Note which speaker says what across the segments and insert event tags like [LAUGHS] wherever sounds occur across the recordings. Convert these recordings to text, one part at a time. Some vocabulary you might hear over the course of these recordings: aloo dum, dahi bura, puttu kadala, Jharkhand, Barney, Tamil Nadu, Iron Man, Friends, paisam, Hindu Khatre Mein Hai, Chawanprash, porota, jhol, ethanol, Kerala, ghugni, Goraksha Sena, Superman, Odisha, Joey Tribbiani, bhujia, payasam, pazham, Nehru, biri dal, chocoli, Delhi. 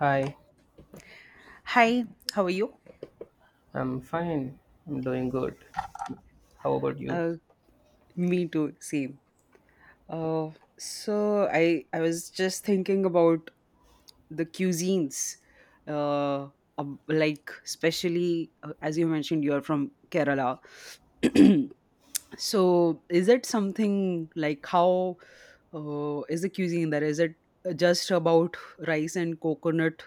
Speaker 1: Hi,
Speaker 2: Hi, how are you?
Speaker 1: I'm fine. I'm doing good. How about you?
Speaker 2: Uh, Me too, same. Uh, so I was just thinking about the cuisines, uh, like especially as you mentioned, you're from Kerala. [CLEARS THROAT] So is it something like how is the cuisine there? Is it just about rice and coconut,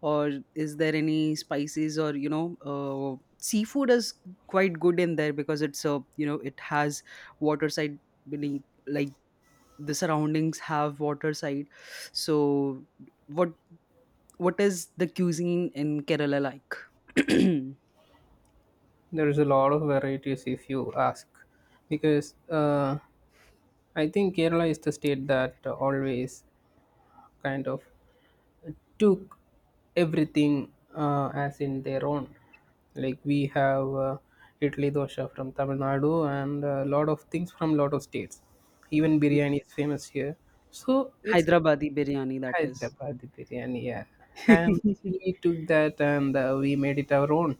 Speaker 2: or is there any spices or seafood is quite good in there because it's a it has water side beneath, like the surroundings have water side. So what what is the cuisine in Kerala like? [CLEARS THROAT]
Speaker 1: There is a lot of varieties if you ask, because I think Kerala is the state that always kind of took everything as in their own. Like we have Italy dosha from Tamil Nadu and a lot of things from lot of states. Even biryani is famous here. So it's
Speaker 2: Hyderabadi biryani,
Speaker 1: Hi,
Speaker 2: that is.
Speaker 1: chapati biryani. Yeah, and he took that and we made it our own.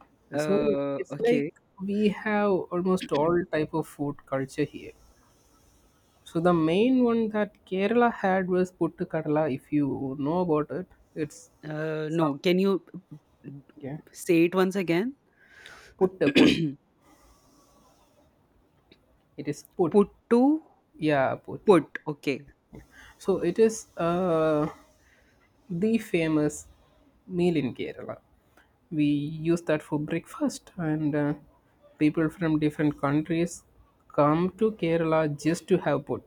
Speaker 2: [LAUGHS]
Speaker 1: So it's like
Speaker 2: Okay.
Speaker 1: we have almost all type of food culture here. So the main one that Kerala had was puttu kadala. If you know about it, it's some
Speaker 2: No. Can you
Speaker 1: yeah
Speaker 2: say it once again?
Speaker 1: puttu put. It is put
Speaker 2: Put to
Speaker 1: yeah puttu.
Speaker 2: put. Okay.
Speaker 1: So it is the famous meal in Kerala. We use that for breakfast, and people from different countries come to Kerala just to have put.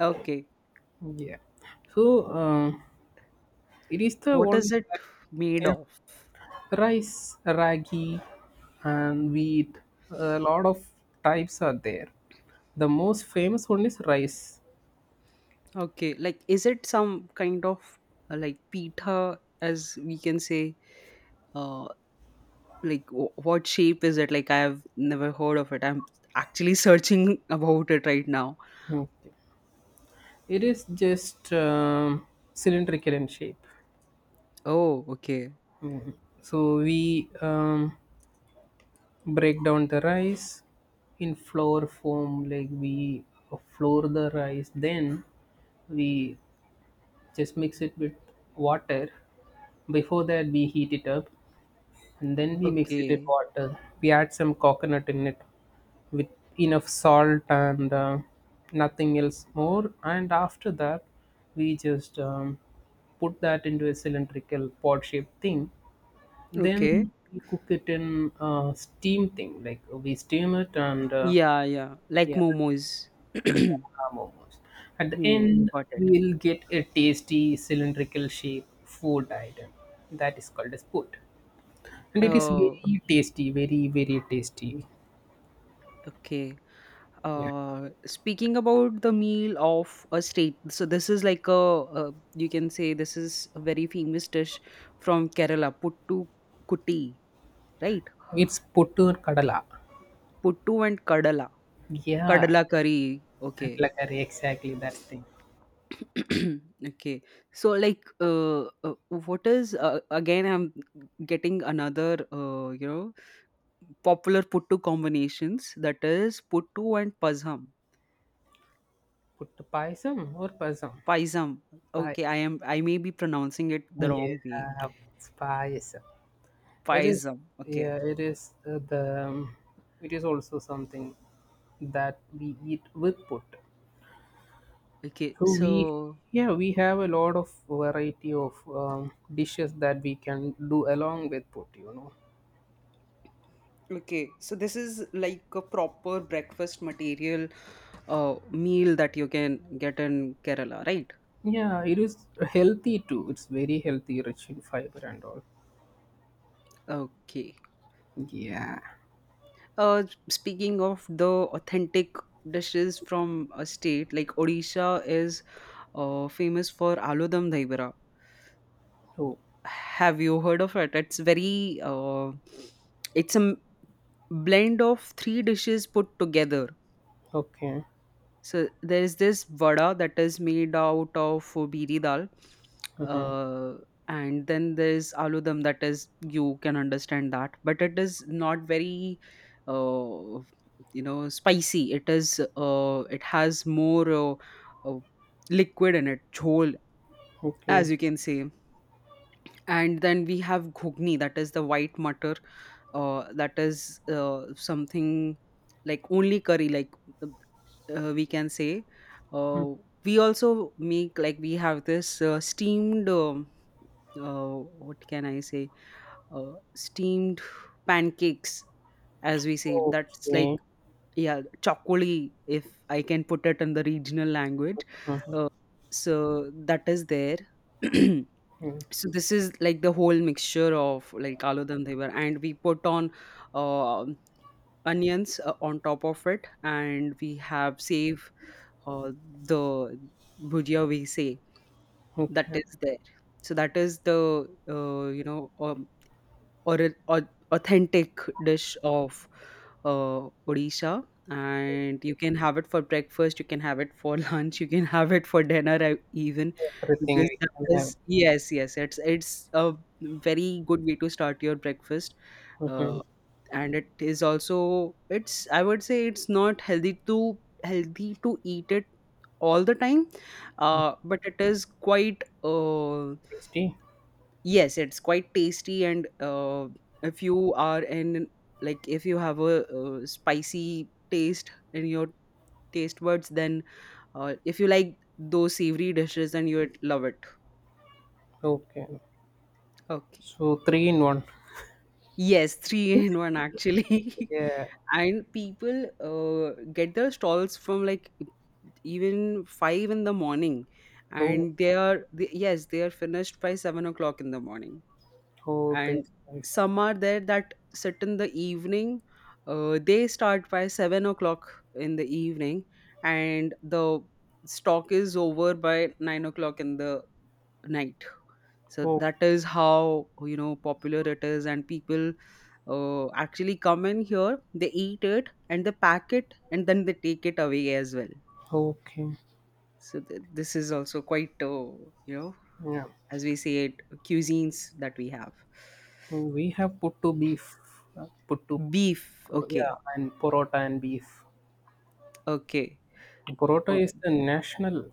Speaker 2: Okay.
Speaker 1: Yeah. So it is the
Speaker 2: What
Speaker 1: one
Speaker 2: is it
Speaker 1: that
Speaker 2: made
Speaker 1: yeah,
Speaker 2: of?
Speaker 1: rice, ragi, and wheat. A lot of types are there. The most famous one is rice.
Speaker 2: Okay. Like, is it some kind of like pita, as we can say? Uh, like, what shape is it? Like, I have never heard of it. I'm actually [LAUGHS] searching about it right now.
Speaker 1: Okay. It is just cylindrical in shape.
Speaker 2: Oh, okay.
Speaker 1: So we break down the rice in flour form, like we flour the rice, then we just mix it with water. Before that we heat it up, and then we mix it with
Speaker 2: Okay.
Speaker 1: water, we add some coconut in it with enough salt and nothing else more, and after that we just put that into a cylindrical pod shaped thing,
Speaker 2: Okay.
Speaker 1: then we cook it in a steam thing, like we steam it and
Speaker 2: Yeah, yeah. Like
Speaker 1: yeah,
Speaker 2: momos. [CLEARS THROAT]
Speaker 1: yeah, momos. At the
Speaker 2: Hmm,
Speaker 1: end,
Speaker 2: got it.
Speaker 1: we'll get a tasty cylindrical shape food item that is called as put, and it is
Speaker 2: Oh,
Speaker 1: very tasty, very very tasty.
Speaker 2: okay.
Speaker 1: Yeah,
Speaker 2: Speaking about the meal of a state, so this is like a, you can say this is a very famous dish from Kerala, puttu kutti, right?
Speaker 1: it's puttur kadala.
Speaker 2: Puttu and kadala,
Speaker 1: Yeah,
Speaker 2: kadala curry. Okay.
Speaker 1: kadala curry exactly that thing.
Speaker 2: [CLEARS THROAT] Okay. So like, what is again? I'm getting another, popular puttu combinations. That is puttu and pazham,
Speaker 1: Put the or pasam?
Speaker 2: paisam. Okay,
Speaker 1: Payasam.
Speaker 2: I am. I may be pronouncing it the wrong way.
Speaker 1: Yeah, payasam. It is,
Speaker 2: Paisam. Okay.
Speaker 1: yeah, it is it is also something that we eat with put.
Speaker 2: Okay,
Speaker 1: So we,
Speaker 2: so
Speaker 1: yeah, we have a lot of variety of dishes that we can do along with put. You know,
Speaker 2: Okay, so this is like a proper breakfast material meal that you can get in Kerala, right?
Speaker 1: yeah, it is healthy too. It's very healthy, rich in fiber and all.
Speaker 2: Okay.
Speaker 1: Yeah.
Speaker 2: Uh, Speaking of the authentic dishes from a state, like Odisha is famous for aloo dum dahi bura.
Speaker 1: Oh,
Speaker 2: Have you heard of it? It's a blend of three dishes put together.
Speaker 1: okay.
Speaker 2: So there is this vada that is made out of biri dal,
Speaker 1: Mm-hmm.
Speaker 2: uh, and then there's aloo dum, that is, you can understand that, but it is not very, uh, spicy. It has more uh, liquid in it, jhol,
Speaker 1: Okay.
Speaker 2: as you can say. And then we have ghugni, that is the white mutter, that is something like only curry, like, we can say.
Speaker 1: Mm,
Speaker 2: uh, we also make, like, we have this steamed, uh, what can I say, steamed pancakes, as we say, that's like,
Speaker 1: okay.
Speaker 2: yeah, chocoli, if I can put it in the regional language.
Speaker 1: Mm-hmm.
Speaker 2: uh, so that is there. [CLEARS THROAT]
Speaker 1: Mm-hmm.
Speaker 2: So this is like the whole mixture of, like, aloo dum devar, and we put on uh, onions on top of it, and we have save or the bhujia, we say, that
Speaker 1: Okay.
Speaker 2: is there. So that is the or, or authentic dish of Odisha, and you can have it for breakfast, you can have it for [LAUGHS] lunch, you can have it for dinner even,
Speaker 1: Everything
Speaker 2: because
Speaker 1: we
Speaker 2: that
Speaker 1: can have.
Speaker 2: is, yes, yes, it's a very good way to start your breakfast.
Speaker 1: Mm-hmm.
Speaker 2: uh, and it is also, it's I would say, it's not healthy to, eat it all the time, but it is quite,
Speaker 1: Tasty.
Speaker 2: yes, it's quite tasty, and if you are in like if you have a, spicy taste in your taste buds, then if you like those savory dishes, then you would love it,
Speaker 1: Okay.
Speaker 2: okay.
Speaker 1: So three in one.
Speaker 2: Yes, [LAUGHS] three in one, actually. [LAUGHS]
Speaker 1: Yeah.
Speaker 2: And people get their stalls from, like, even 5 in the morning,
Speaker 1: Oh,
Speaker 2: and yes, they are finished by 7 o'clock in the morning,
Speaker 1: oh,
Speaker 2: and
Speaker 1: that's nice.
Speaker 2: some are there that sit in the evening, they start by 7 o'clock in the evening, and the stock is over by 9 o'clock in the night. So
Speaker 1: Oh,
Speaker 2: that is how popular it is, and people actually come in here, they eat it, and they pack it, and then they take it away as well.
Speaker 1: okay.
Speaker 2: So this is also quite, you know,
Speaker 1: Yeah.
Speaker 2: as we say it, cuisines that we have.
Speaker 1: Oh, we have put to beef, puttu,
Speaker 2: Beef.
Speaker 1: yeah,
Speaker 2: Okay.
Speaker 1: and porota and beef.
Speaker 2: Okay.
Speaker 1: Porota
Speaker 2: Oh,
Speaker 1: is the national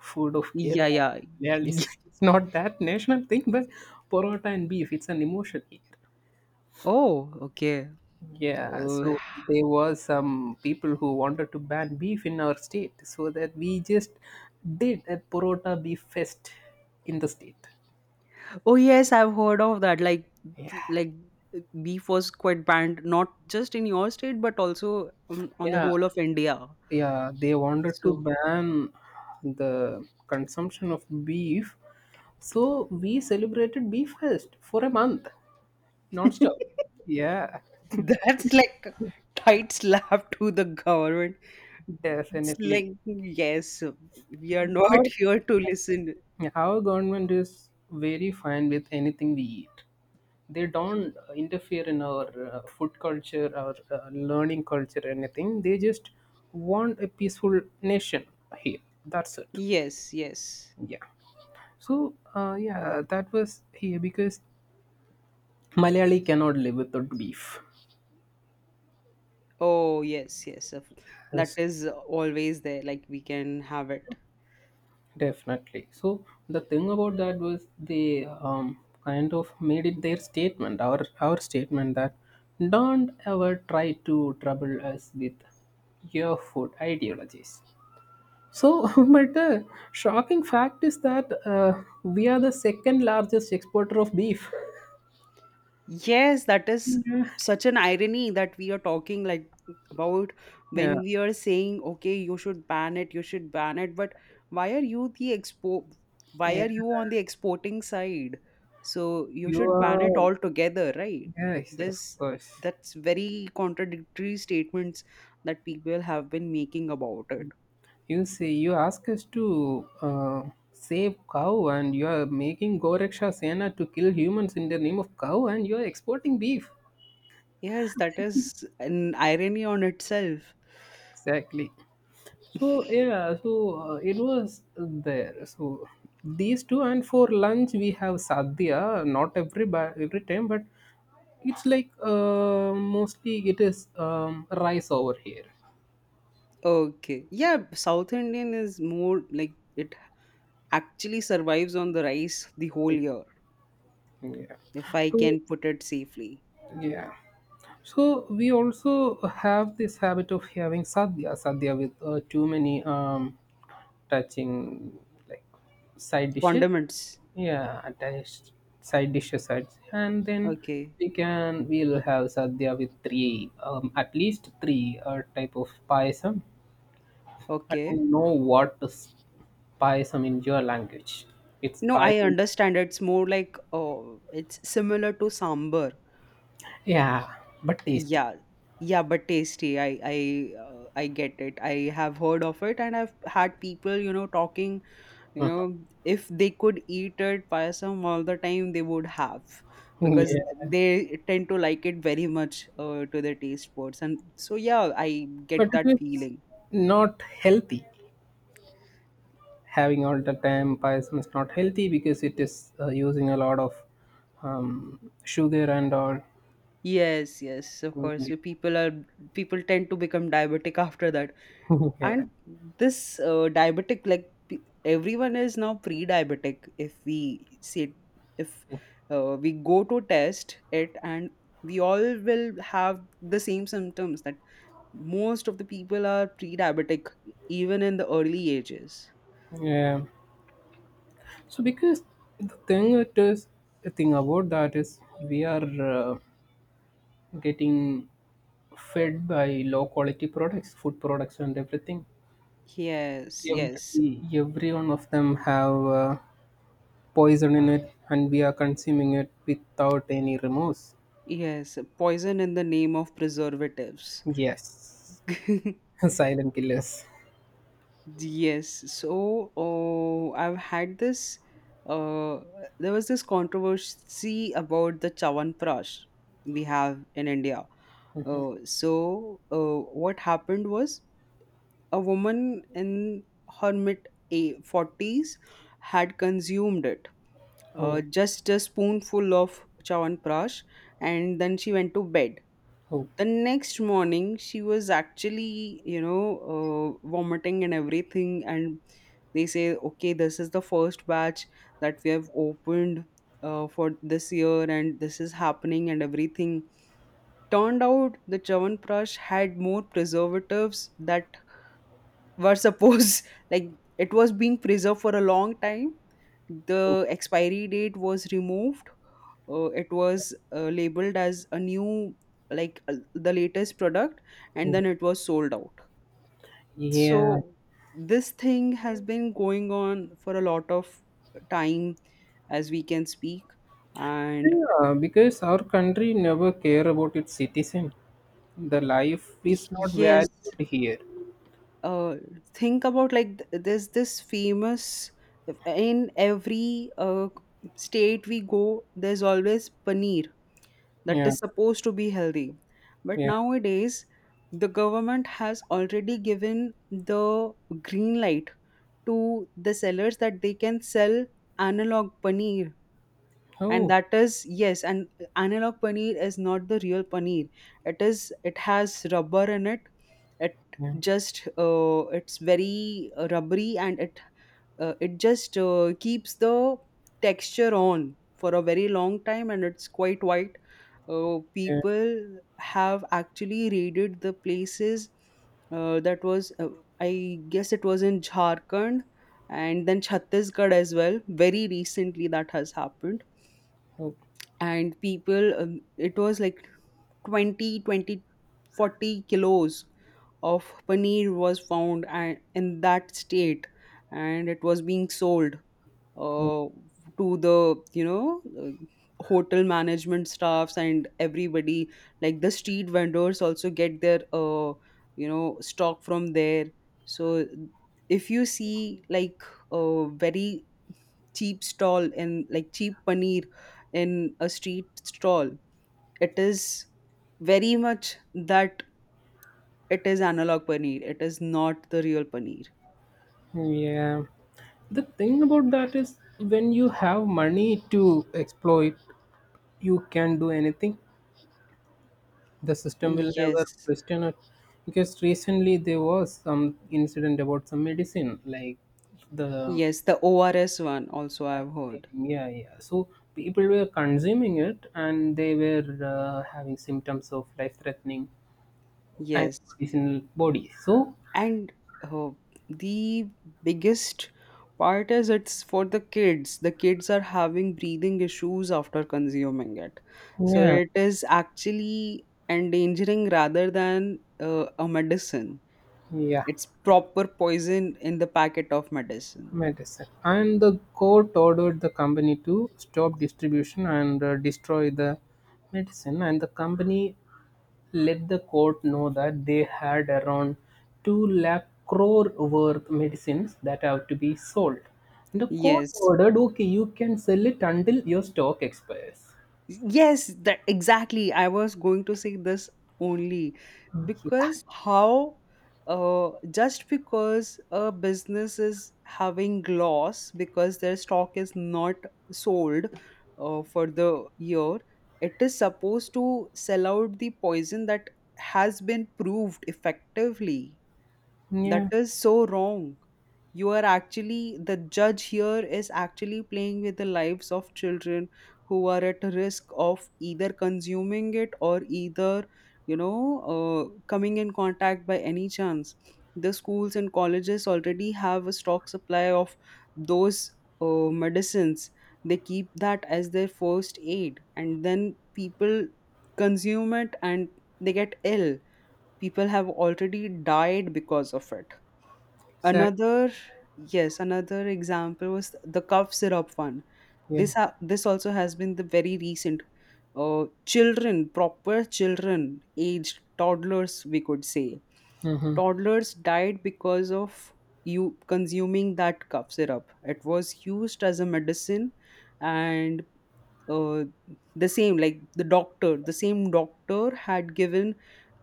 Speaker 1: food of
Speaker 2: yeah,
Speaker 1: Kerala.
Speaker 2: yeah.
Speaker 1: Well,
Speaker 2: [LAUGHS]
Speaker 1: it's not that national thing, but porota and beef, it's an emotion.
Speaker 2: Oh, okay.
Speaker 1: Yeah,
Speaker 2: Oh.
Speaker 1: so
Speaker 2: [SIGHS]
Speaker 1: there was some people who wanted to ban beef in our state, so that we just did a Porota beef fest in the state.
Speaker 2: [LAUGHS] Oh yes, I've heard of that. Like,
Speaker 1: Yeah,
Speaker 2: b- like beef was quite banned, not just in your state, but also on the
Speaker 1: yeah,
Speaker 2: whole of India.
Speaker 1: yeah. They wanted to
Speaker 2: So,
Speaker 1: ban the consumption of beef, so we celebrated beef fest for a month, non-stop.
Speaker 2: [LAUGHS]
Speaker 1: Yeah,
Speaker 2: that's like a tight slap to the government. It's
Speaker 1: definitely.
Speaker 2: like, yes, we are not
Speaker 1: Our,
Speaker 2: [LAUGHS] here to listen.
Speaker 1: our government is very fine with anything we eat. They don't interfere in our food culture, our learning culture, anything. They just want a peaceful nation here, that's it.
Speaker 2: Yes, yes.
Speaker 1: Yeah, so yeah, that was here because malayali cannot live without beef.
Speaker 2: Oh, yes, yes. That
Speaker 1: Yes,
Speaker 2: is always there. Like, we can have it.
Speaker 1: definitely. So the thing about that was they kind of made it their statement, our statement, that don't ever try to trouble us with your food ideologies. So, [LAUGHS] but the shocking fact is that we are the second largest exporter of beef.
Speaker 2: Yes, that is
Speaker 1: Yeah,
Speaker 2: such an irony, that we are talking, like, about,
Speaker 1: yeah,
Speaker 2: when we are saying, okay, you should ban it, you should ban it, but why are you the expo why
Speaker 1: yeah.
Speaker 2: are you on the exporting side? So you
Speaker 1: You
Speaker 2: should ban it
Speaker 1: are,
Speaker 2: altogether, right?
Speaker 1: yes, of
Speaker 2: This
Speaker 1: course.
Speaker 2: That's very contradictory statements that people have been making about it.
Speaker 1: You say you ask us to save cow, and you are making Goraksha Sena to kill humans in the name of cow, and you are exporting beef.
Speaker 2: Yes, that is an irony on itself.
Speaker 1: Exactly. So yeah, so it was there. So these two, and for lunch we have sadhya. Not every every time, but it's like mostly it is rice over here.
Speaker 2: Okay. Yeah, South Indian is more like, it actually survives on the rice the whole year,
Speaker 1: Yeah.
Speaker 2: if I
Speaker 1: So
Speaker 2: can put it safely.
Speaker 1: yeah. So we also have this habit of having sadhya, sadhya with too many touching, like, side dishes.
Speaker 2: Condiments.
Speaker 1: Yeah, attached side dishes, sides. And then
Speaker 2: Okay.
Speaker 1: we can, we'll have sadhya with three, at least three type of payasam. I
Speaker 2: Okay.
Speaker 1: don't know what spice. I mean, your language. It's
Speaker 2: No,
Speaker 1: spice.
Speaker 2: I understand. It's more like, oh, it's similar to sambar.
Speaker 1: Yeah, but tasty. [LAUGHS]
Speaker 2: Yeah. Yeah, but tasty. I get it. I have heard of it, and I've had people, talking, you know, if they could eat it payasam all the time, they would have, because
Speaker 1: Yeah,
Speaker 2: they tend to like it very much, to their taste buds. And so, yeah, I
Speaker 1: but
Speaker 2: get that
Speaker 1: it is
Speaker 2: feeling.
Speaker 1: not healthy. Having all the time pies is not healthy because it is using a lot of sugar and all.
Speaker 2: Yes, yes, of course. So,
Speaker 1: [LAUGHS]
Speaker 2: People tend to become diabetic [LAUGHS] after that,
Speaker 1: yeah.
Speaker 2: and this, everyone is now pre-diabetic. If we go to test it, and we all will have the same symptoms, that most of the people are pre-diabetic even in the early ages.
Speaker 1: Yeah. So because the thing it is, the thing about that is we are uh, getting fed by low quality products, food products and everything.
Speaker 2: Yes, yes,
Speaker 1: Every one of them have poison in it, and we are consuming it without any remorse.
Speaker 2: yes. Poison in the name of preservatives.
Speaker 1: Yes,
Speaker 2: [LAUGHS]
Speaker 1: [LAUGHS] silent killers.
Speaker 2: Yes. So, I've had this. Uh, there was this controversy about the Chawanprash we have in India. So, what happened was, a woman in her mid, 40s, had consumed it,
Speaker 1: Oh,
Speaker 2: just a spoonful of Chawanprash, and then she went to bed.
Speaker 1: oh,
Speaker 2: The next morning she was actually, vomiting and everything, and they say, okay, this is the first batch that we have opened, for this year, and this is happening, and everything turned out the chawanprash had more preservatives that were supposed, [LAUGHS] like, it was being preserved for a long time. The expiry date was removed, it was labeled as a new, like, the latest product, and
Speaker 1: oh.
Speaker 2: then it was sold out.
Speaker 1: Yeah.
Speaker 2: So this thing has been going on for a lot of time, as we can speak, and
Speaker 1: Yeah, because our country never care about its citizen. The life is not
Speaker 2: yes.
Speaker 1: valued here.
Speaker 2: uh, think about, like, there's this famous, in every state we go, there's always paneer, that
Speaker 1: Yeah,
Speaker 2: is supposed to be healthy, but
Speaker 1: yeah.
Speaker 2: nowadays the government has already given the green light to the sellers, that they can sell analog paneer. And
Speaker 1: Oh,
Speaker 2: that is, yes, and analog paneer is not the real paneer. It has rubber in it. It
Speaker 1: yeah,
Speaker 2: just It's very rubbery, and it it just keeps the texture on for a very long time, and it's quite white.
Speaker 1: yeah.
Speaker 2: People have actually raided the places, that was, I guess it was in Jharkhand, and then Chhattisgarh as well, very recently that has happened.
Speaker 1: Oh,
Speaker 2: And people, it was like 20, 20, 40 kilos of paneer was found, and in that state, and it was being sold
Speaker 1: oh,
Speaker 2: uh, to the, hotel management staffs and everybody, like the street vendors also get their stock from there. So if you see, like, very cheap stall, in like cheap paneer, in a street stall, it is very much that it is analog paneer, it is not the real paneer.
Speaker 1: yeah. The thing about that is when you have money to exploit, you can do anything, the system will never
Speaker 2: Yes,
Speaker 1: question it. Because recently there was some incident about some medicine, like the
Speaker 2: yes, the ORS one also
Speaker 1: I
Speaker 2: I've
Speaker 1: think,
Speaker 2: heard.
Speaker 1: yeah, yeah. So people were consuming it and they were having symptoms of life threatening
Speaker 2: Yes,
Speaker 1: antibodies in body. So
Speaker 2: and uh, the biggest part is, it's for the kids are having breathing issues after consuming it. So
Speaker 1: yeah,
Speaker 2: it is actually endangering, rather than a medicine.
Speaker 1: yeah,
Speaker 2: It's proper poison in the packet of medicine.
Speaker 1: medicine. And the court ordered the company to stop distribution and destroy the medicine, and the company let the court know that they had around two lakh crore worth medicines that have to be sold. The court
Speaker 2: Yes.
Speaker 1: ordered, okay, you can sell it until your stock expires.
Speaker 2: Yes, that exactly. I was going to say this only,
Speaker 1: Yeah,
Speaker 2: because how, just because a business is having loss, because their stock is not sold for the year, it is supposed to sell out the poison, that has been proved effectively. That
Speaker 1: yeah,
Speaker 2: is so wrong. You are actually, the judge here is actually playing with the lives of children, who are at risk of either consuming it, or either, you know, coming in contact by any chance. The schools and colleges already have a stock supply of those medicines. They keep that as their first aid, and then people consume it and they get ill. People have already died because of it.
Speaker 1: exactly.
Speaker 2: Another, yes, another example was the cough syrup one.
Speaker 1: Yeah.
Speaker 2: This also has been the very recent. Children, proper children, aged toddlers, we could say,
Speaker 1: Mm-hmm.
Speaker 2: toddlers died because of you consuming that cough syrup. It was used as a medicine, and uh, the same like the same doctor had given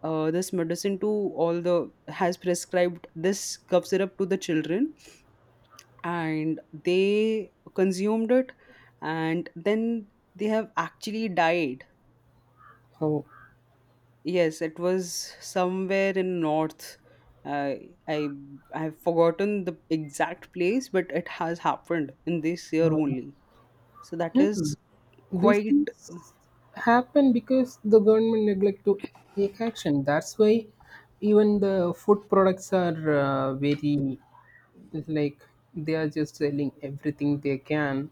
Speaker 2: this medicine to all the has prescribed this cough syrup to the children, and they consumed it, and then they have actually died.
Speaker 1: Oh.
Speaker 2: Yes, it was somewhere in north, uh, i I have forgotten the exact place, but it has happened in this year only, so that
Speaker 1: Mhm.
Speaker 2: is
Speaker 1: These
Speaker 2: quite.
Speaker 1: things happen because the government neglect to take action. That's why even the food products are very, like, they are just selling everything they can,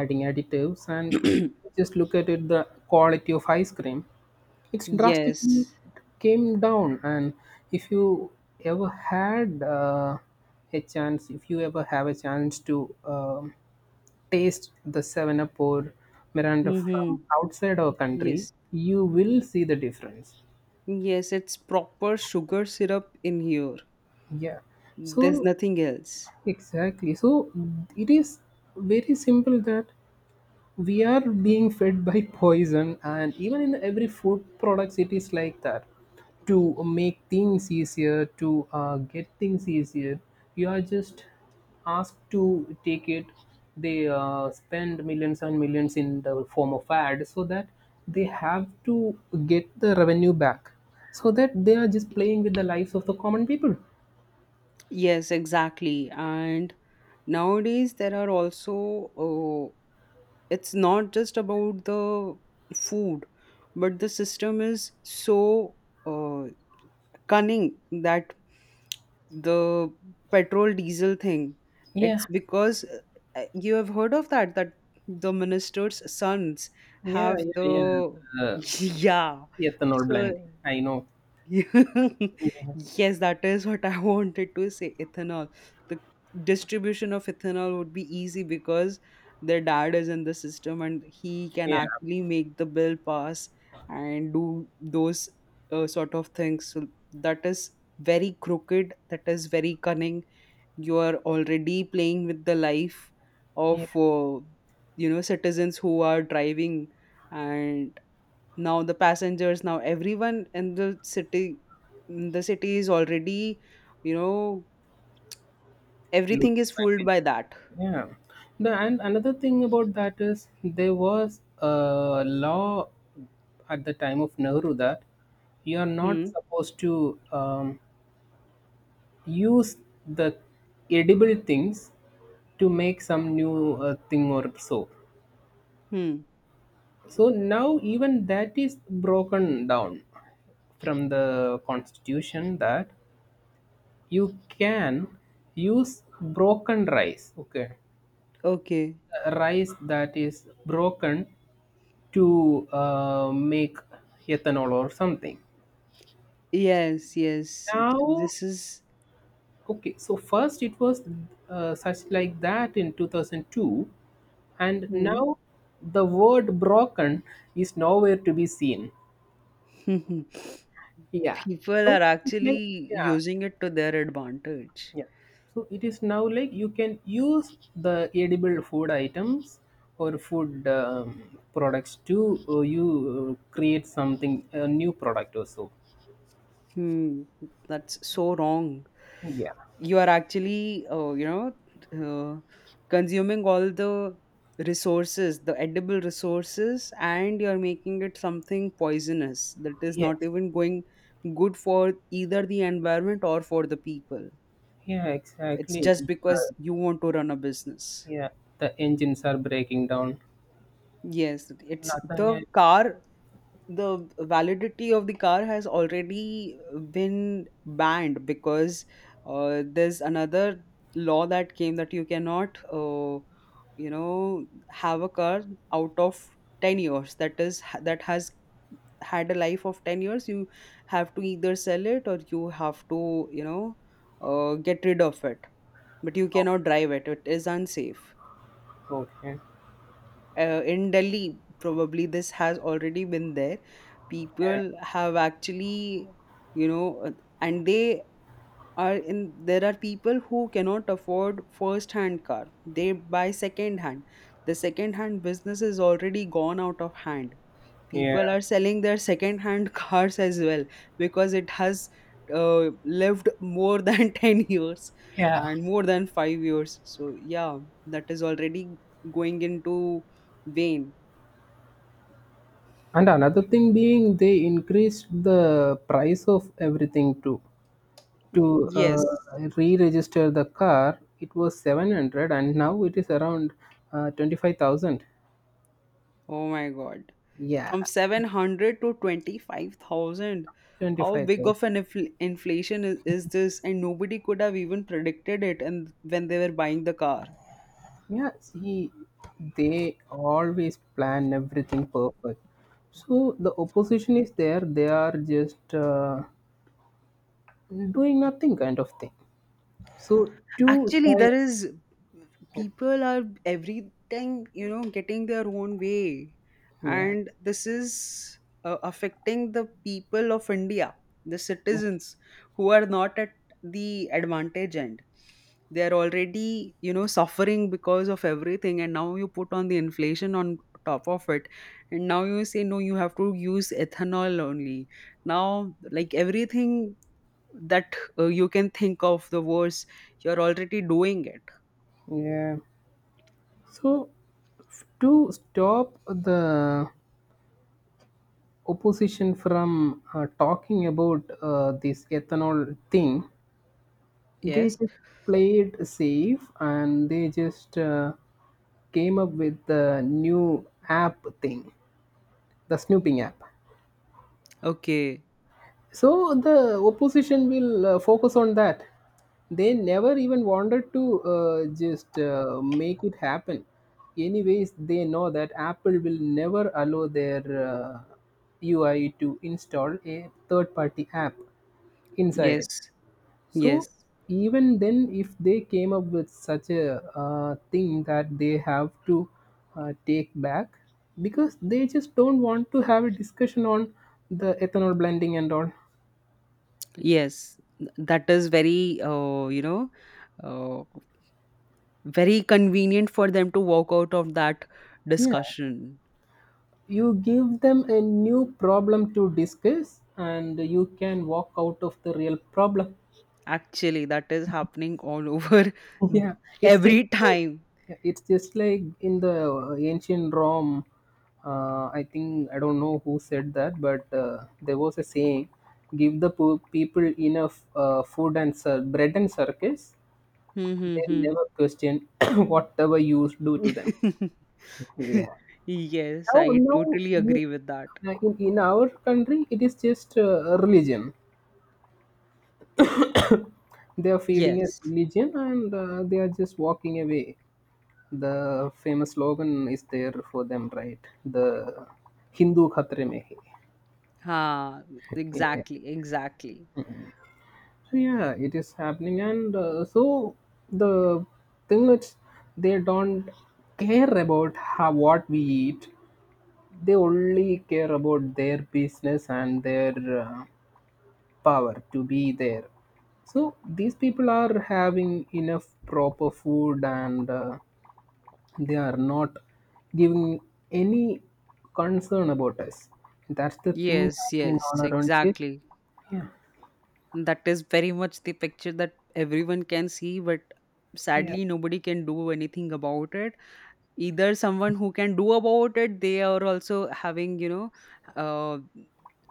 Speaker 1: adding additives
Speaker 2: [COUGHS]
Speaker 1: and
Speaker 2: [CLEARS THROAT]
Speaker 1: just look at it, the quality of ice cream, it's drastically
Speaker 2: Yes.
Speaker 1: came down. And if you ever had a chance, if you ever have a chance to taste the 7Up up or miranda from
Speaker 2: Mm-hmm.
Speaker 1: outside our country,
Speaker 2: Yes,
Speaker 1: you will see the difference.
Speaker 2: yes, it's proper sugar syrup in here.
Speaker 1: Yeah,
Speaker 2: There's
Speaker 1: so
Speaker 2: nothing else.
Speaker 1: exactly. So it is very simple that we are being fed by poison, and even in every food products it is like that. To make things easier, to get things easier, you are just asked to take it. They spend millions and millions in the form of ads so that they have to get the revenue back, so that they are just playing with the lives of the common people.
Speaker 2: Yes, exactly. And nowadays, there are also, it's not just about the food, but the system is so uh, cunning that the petrol diesel thing,
Speaker 1: Yeah,
Speaker 2: it's because you have heard of that, that the minister's sons
Speaker 1: yeah,
Speaker 2: have
Speaker 1: yeah,
Speaker 2: the,
Speaker 1: yeah, uh,
Speaker 2: [LAUGHS] yeah.
Speaker 1: ethanol
Speaker 2: So,
Speaker 1: blending, I know.
Speaker 2: [LAUGHS] yes, that is what I [LAUGHS] wanted to say. Ethanol. The distribution of ethanol would be easy because their dad is in the system, and he can
Speaker 1: Yeah,
Speaker 2: actually make the bill pass and do those sort of things. So that is very crooked. That is very cunning. You are already playing with the life of
Speaker 1: yeah.
Speaker 2: citizens who are driving, and now the passengers, now everyone in the city is already, you know everything is fooled by that.
Speaker 1: Yeah. The, and another thing about that is there was a law at the time of Nehru that you are
Speaker 2: Hmm,
Speaker 1: not supposed to use the edible things to make some new thing or soap.
Speaker 2: hmm,
Speaker 1: So now even that is broken down from the constitution, that you can use broken rice. Okay,
Speaker 2: okay,
Speaker 1: rice that is broken, to make ethanol or something.
Speaker 2: yes, yes.
Speaker 1: Now,
Speaker 2: This is,
Speaker 1: okay, so first it was such like that in 2002, and
Speaker 2: hmm.
Speaker 1: now the word broken is nowhere to be seen.
Speaker 2: [LAUGHS]
Speaker 1: Yeah,
Speaker 2: People
Speaker 1: so
Speaker 2: are
Speaker 1: it's like,
Speaker 2: actually
Speaker 1: yeah,
Speaker 2: using it to their advantage.
Speaker 1: yeah. So it is now like you can use the edible food items or food products to you create something, a new product or so.
Speaker 2: Hmm, that's so wrong.
Speaker 1: Yeah.
Speaker 2: You are actually uh, consuming all the edible resources, and you're making it something poisonous that is not
Speaker 1: Yes.
Speaker 2: even going good for either the environment or for the people.
Speaker 1: Yeah,
Speaker 2: It's
Speaker 1: exactly.
Speaker 2: just because you want to run a business.
Speaker 1: Yeah, the engines are breaking down.
Speaker 2: Yes, it's
Speaker 1: Nothing
Speaker 2: the
Speaker 1: is
Speaker 2: car. The validity of the car has already been banned because there's another law that came that you cannot have a car out of 10 years, that has had a life of 10 years. You have to either sell it, or you have to get rid of it, but you cannot drive it. It is unsafe.
Speaker 1: okay.
Speaker 2: In Delhi, probably this has already been there.
Speaker 1: Yeah,
Speaker 2: People have actually, you know, uh, and they are in. There are people who cannot afford first-hand car; they buy second-hand. The second-hand business is already gone out of hand. People
Speaker 1: yeah,
Speaker 2: are selling their second-hand [LAUGHS] cars as well, because it has lived more than [LAUGHS] 10 years
Speaker 1: yeah.
Speaker 2: and more than 5 years. So yeah, that is already going into vain.
Speaker 1: And another thing being, they increased the price of everything too. To
Speaker 2: Yes.
Speaker 1: re-register the car, it was 700, and now it is around 25,000.
Speaker 2: Oh my God. From
Speaker 1: Yeah,
Speaker 2: 700 to 25,000. How
Speaker 1: twenty-five
Speaker 2: big
Speaker 1: thousand.
Speaker 2: of an inflation is this? And nobody could have even predicted it and when they were buying the car.
Speaker 1: Yeah, see, they always plan everything perfect. So the opposition is there, they are just doing nothing kind of thing. So to
Speaker 2: Actually,
Speaker 1: side,
Speaker 2: there is people are every time, getting their own way,
Speaker 1: yeah,
Speaker 2: and this is affecting the people of India, the citizens who are not at the advantage end. They are already suffering because of everything, and now you put on the inflation on top of it, and now you say no, you have to use ethanol only. Now, like everything that you can think of the words, you're already doing it.
Speaker 1: yeah. So to stop the opposition from talking about this ethanol thing, they
Speaker 2: Yes,
Speaker 1: just played safe and they just came up with the new app thing, the snooping app.
Speaker 2: okay.
Speaker 1: So the opposition will focus on that. They never even wanted to just make it happen. Anyways, they know that Apple will never allow their uh, UI to install a third party app inside
Speaker 2: Yes,
Speaker 1: it.
Speaker 2: yes.
Speaker 1: So even then, if they came up with such a thing that they have to take back, because they just don't want to have a discussion on the ethanol blending and all.
Speaker 2: Yes, that is very uh, very convenient for them to walk out of that
Speaker 1: Yeah,
Speaker 2: discussion.
Speaker 1: you give them a new problem to discuss, and you can walk out of the real problem.
Speaker 2: Actually, that is happening all over.
Speaker 1: [LAUGHS] Yeah,
Speaker 2: [LAUGHS]
Speaker 1: it's just
Speaker 2: Every
Speaker 1: like,
Speaker 2: time.
Speaker 1: yeah, it's just like in the ancient Rome. I think I don't know who said that, but there was a saying: "Give the people enough food and bread and circus; they'll
Speaker 2: Mm-hmm.
Speaker 1: never question [COUGHS] [CLEARS THROAT] whatever you do to them."
Speaker 2: [LAUGHS]
Speaker 1: Yeah.
Speaker 2: Yes,
Speaker 1: Now,
Speaker 2: I
Speaker 1: now
Speaker 2: totally
Speaker 1: in,
Speaker 2: agree with that.
Speaker 1: in our country, it is just religion. They are feeding us
Speaker 2: Yes.
Speaker 1: religion, and they are just walking away. The famous slogan is there for them, right? The Hindu Khatre Mein Hai.
Speaker 2: Ha. Exactly, exactly.
Speaker 1: So yeah, it is happening, and so the thing is, they don't care about how what we eat. They only care about their business and their uh, power to be there. So these people are having enough proper food and they are not giving any concern about us. That's the thing
Speaker 2: Yes,
Speaker 1: happening
Speaker 2: yes,
Speaker 1: all around it.
Speaker 2: exactly.
Speaker 1: Yeah.
Speaker 2: That is very much the picture that everyone can see, but
Speaker 1: Yeah.
Speaker 2: sadly nobody can do anything about it. Either someone who can do about it, they are also having, uh,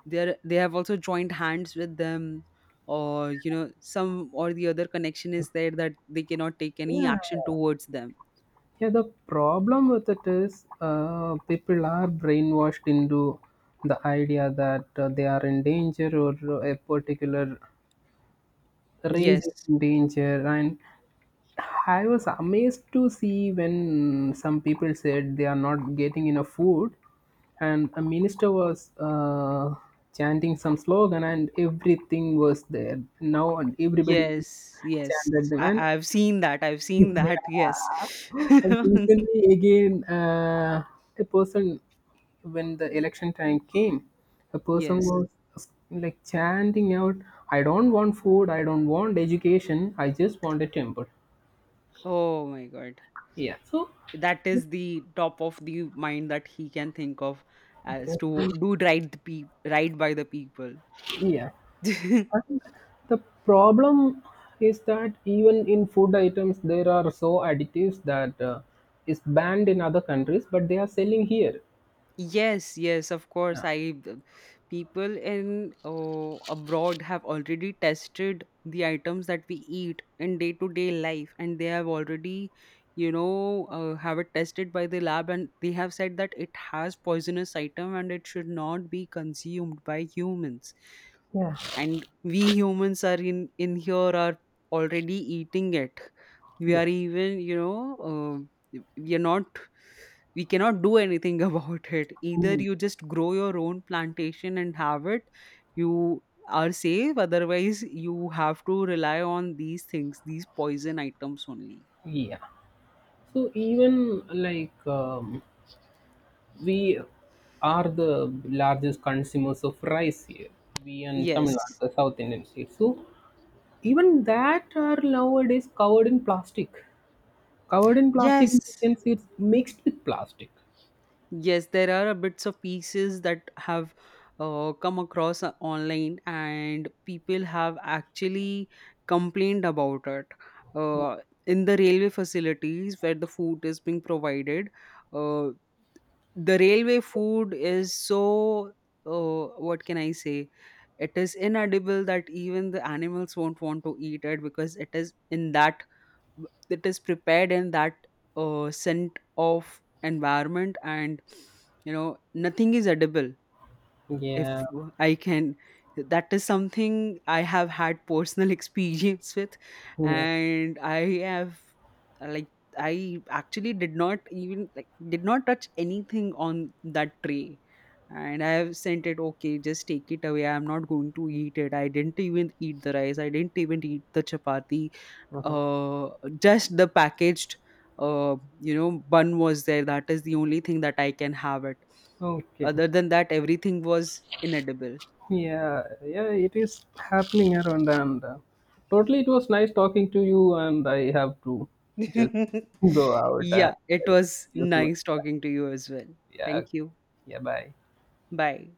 Speaker 2: they have also joined hands with them, or some or the other connection is there that they cannot take any
Speaker 1: Yeah.
Speaker 2: action towards them.
Speaker 1: Yeah, the problem with it is people are brainwashed into the idea that they are in danger, or a particular race
Speaker 2: Yes,
Speaker 1: is in danger. And I was amazed to see when some people said they are not getting enough food, and a minister was chanting some slogan, and everything was there. Now and everybody
Speaker 2: yes, yes.
Speaker 1: chanted them, and
Speaker 2: I've seen that. I've
Speaker 1: [LAUGHS]
Speaker 2: seen that. Yes.
Speaker 1: yeah. And
Speaker 2: [LAUGHS]
Speaker 1: recently again, a person when the election time came, a person
Speaker 2: Yes.
Speaker 1: was like chanting out, "I don't want food. I don't want education. I just want a temple."
Speaker 2: Oh my God.
Speaker 1: Yeah. So
Speaker 2: That is the top of the mind that he can think of, as to
Speaker 1: Every-
Speaker 2: do right, right by the people.
Speaker 1: yeah,
Speaker 2: [LAUGHS]
Speaker 1: I think the problem is that even in food items, there are so additives that is banned in other countries, but they are selling here.
Speaker 2: Yes, yes, of course.
Speaker 1: Yeah.
Speaker 2: I the people in abroad have already tested the items that we eat in day to day life, and they have already, have it tested by the lab, and they have said that it has poisonous item and it should not be consumed by humans.
Speaker 1: Yeah.
Speaker 2: And we humans are in here, are already eating it. We are
Speaker 1: Yes.
Speaker 2: even, we are not, we cannot do anything [LAUGHS] about it. Either
Speaker 1: Mm,
Speaker 2: you just grow your own plantation and have it, you are safe. Otherwise, you have to rely on these poison items only.
Speaker 1: yeah. So even like we are the largest consumers of rice here. We and Tamil Nadu,
Speaker 2: Yes,
Speaker 1: the South Indian state. So even that are nowadays covered in plastic. Covered in plastic,
Speaker 2: yes,
Speaker 1: in the sense it's mixed with plastic.
Speaker 2: yes. There are a bits of pieces that have come across online, and people have actually complained about it. Uh, in the railway facilities where the food is being provided, uh, the railway food is so what can I say? It is inedible that even the animals won't want to eat it because it is in that, that is prepared in that scent of environment, and nothing is edible. If
Speaker 1: Yeah.
Speaker 2: I can, that is something I have had personal [LAUGHS] experience with,
Speaker 1: Yeah.
Speaker 2: and I have like, I actually did not even like did not touch anything on that tray. And I have sent it, okay, just take it away, I'm not going to eat it, I didn't even eat the rice, I didn't even eat the chapati.
Speaker 1: Uh huh.
Speaker 2: Uh, just the packaged uh, bun was there. That is the only thing that I can have it.
Speaker 1: Okay.
Speaker 2: Other than that, everything was inedible.
Speaker 1: Yeah, yeah, it is happening around, and totally it was nice talking to you. And I have to just go
Speaker 2: [LAUGHS]
Speaker 1: out and
Speaker 2: Yeah, it
Speaker 1: see
Speaker 2: was
Speaker 1: you soon.
Speaker 2: nice talking to you as well.
Speaker 1: Yeah,
Speaker 2: Thank you.
Speaker 1: yeah, bye.
Speaker 2: Bye.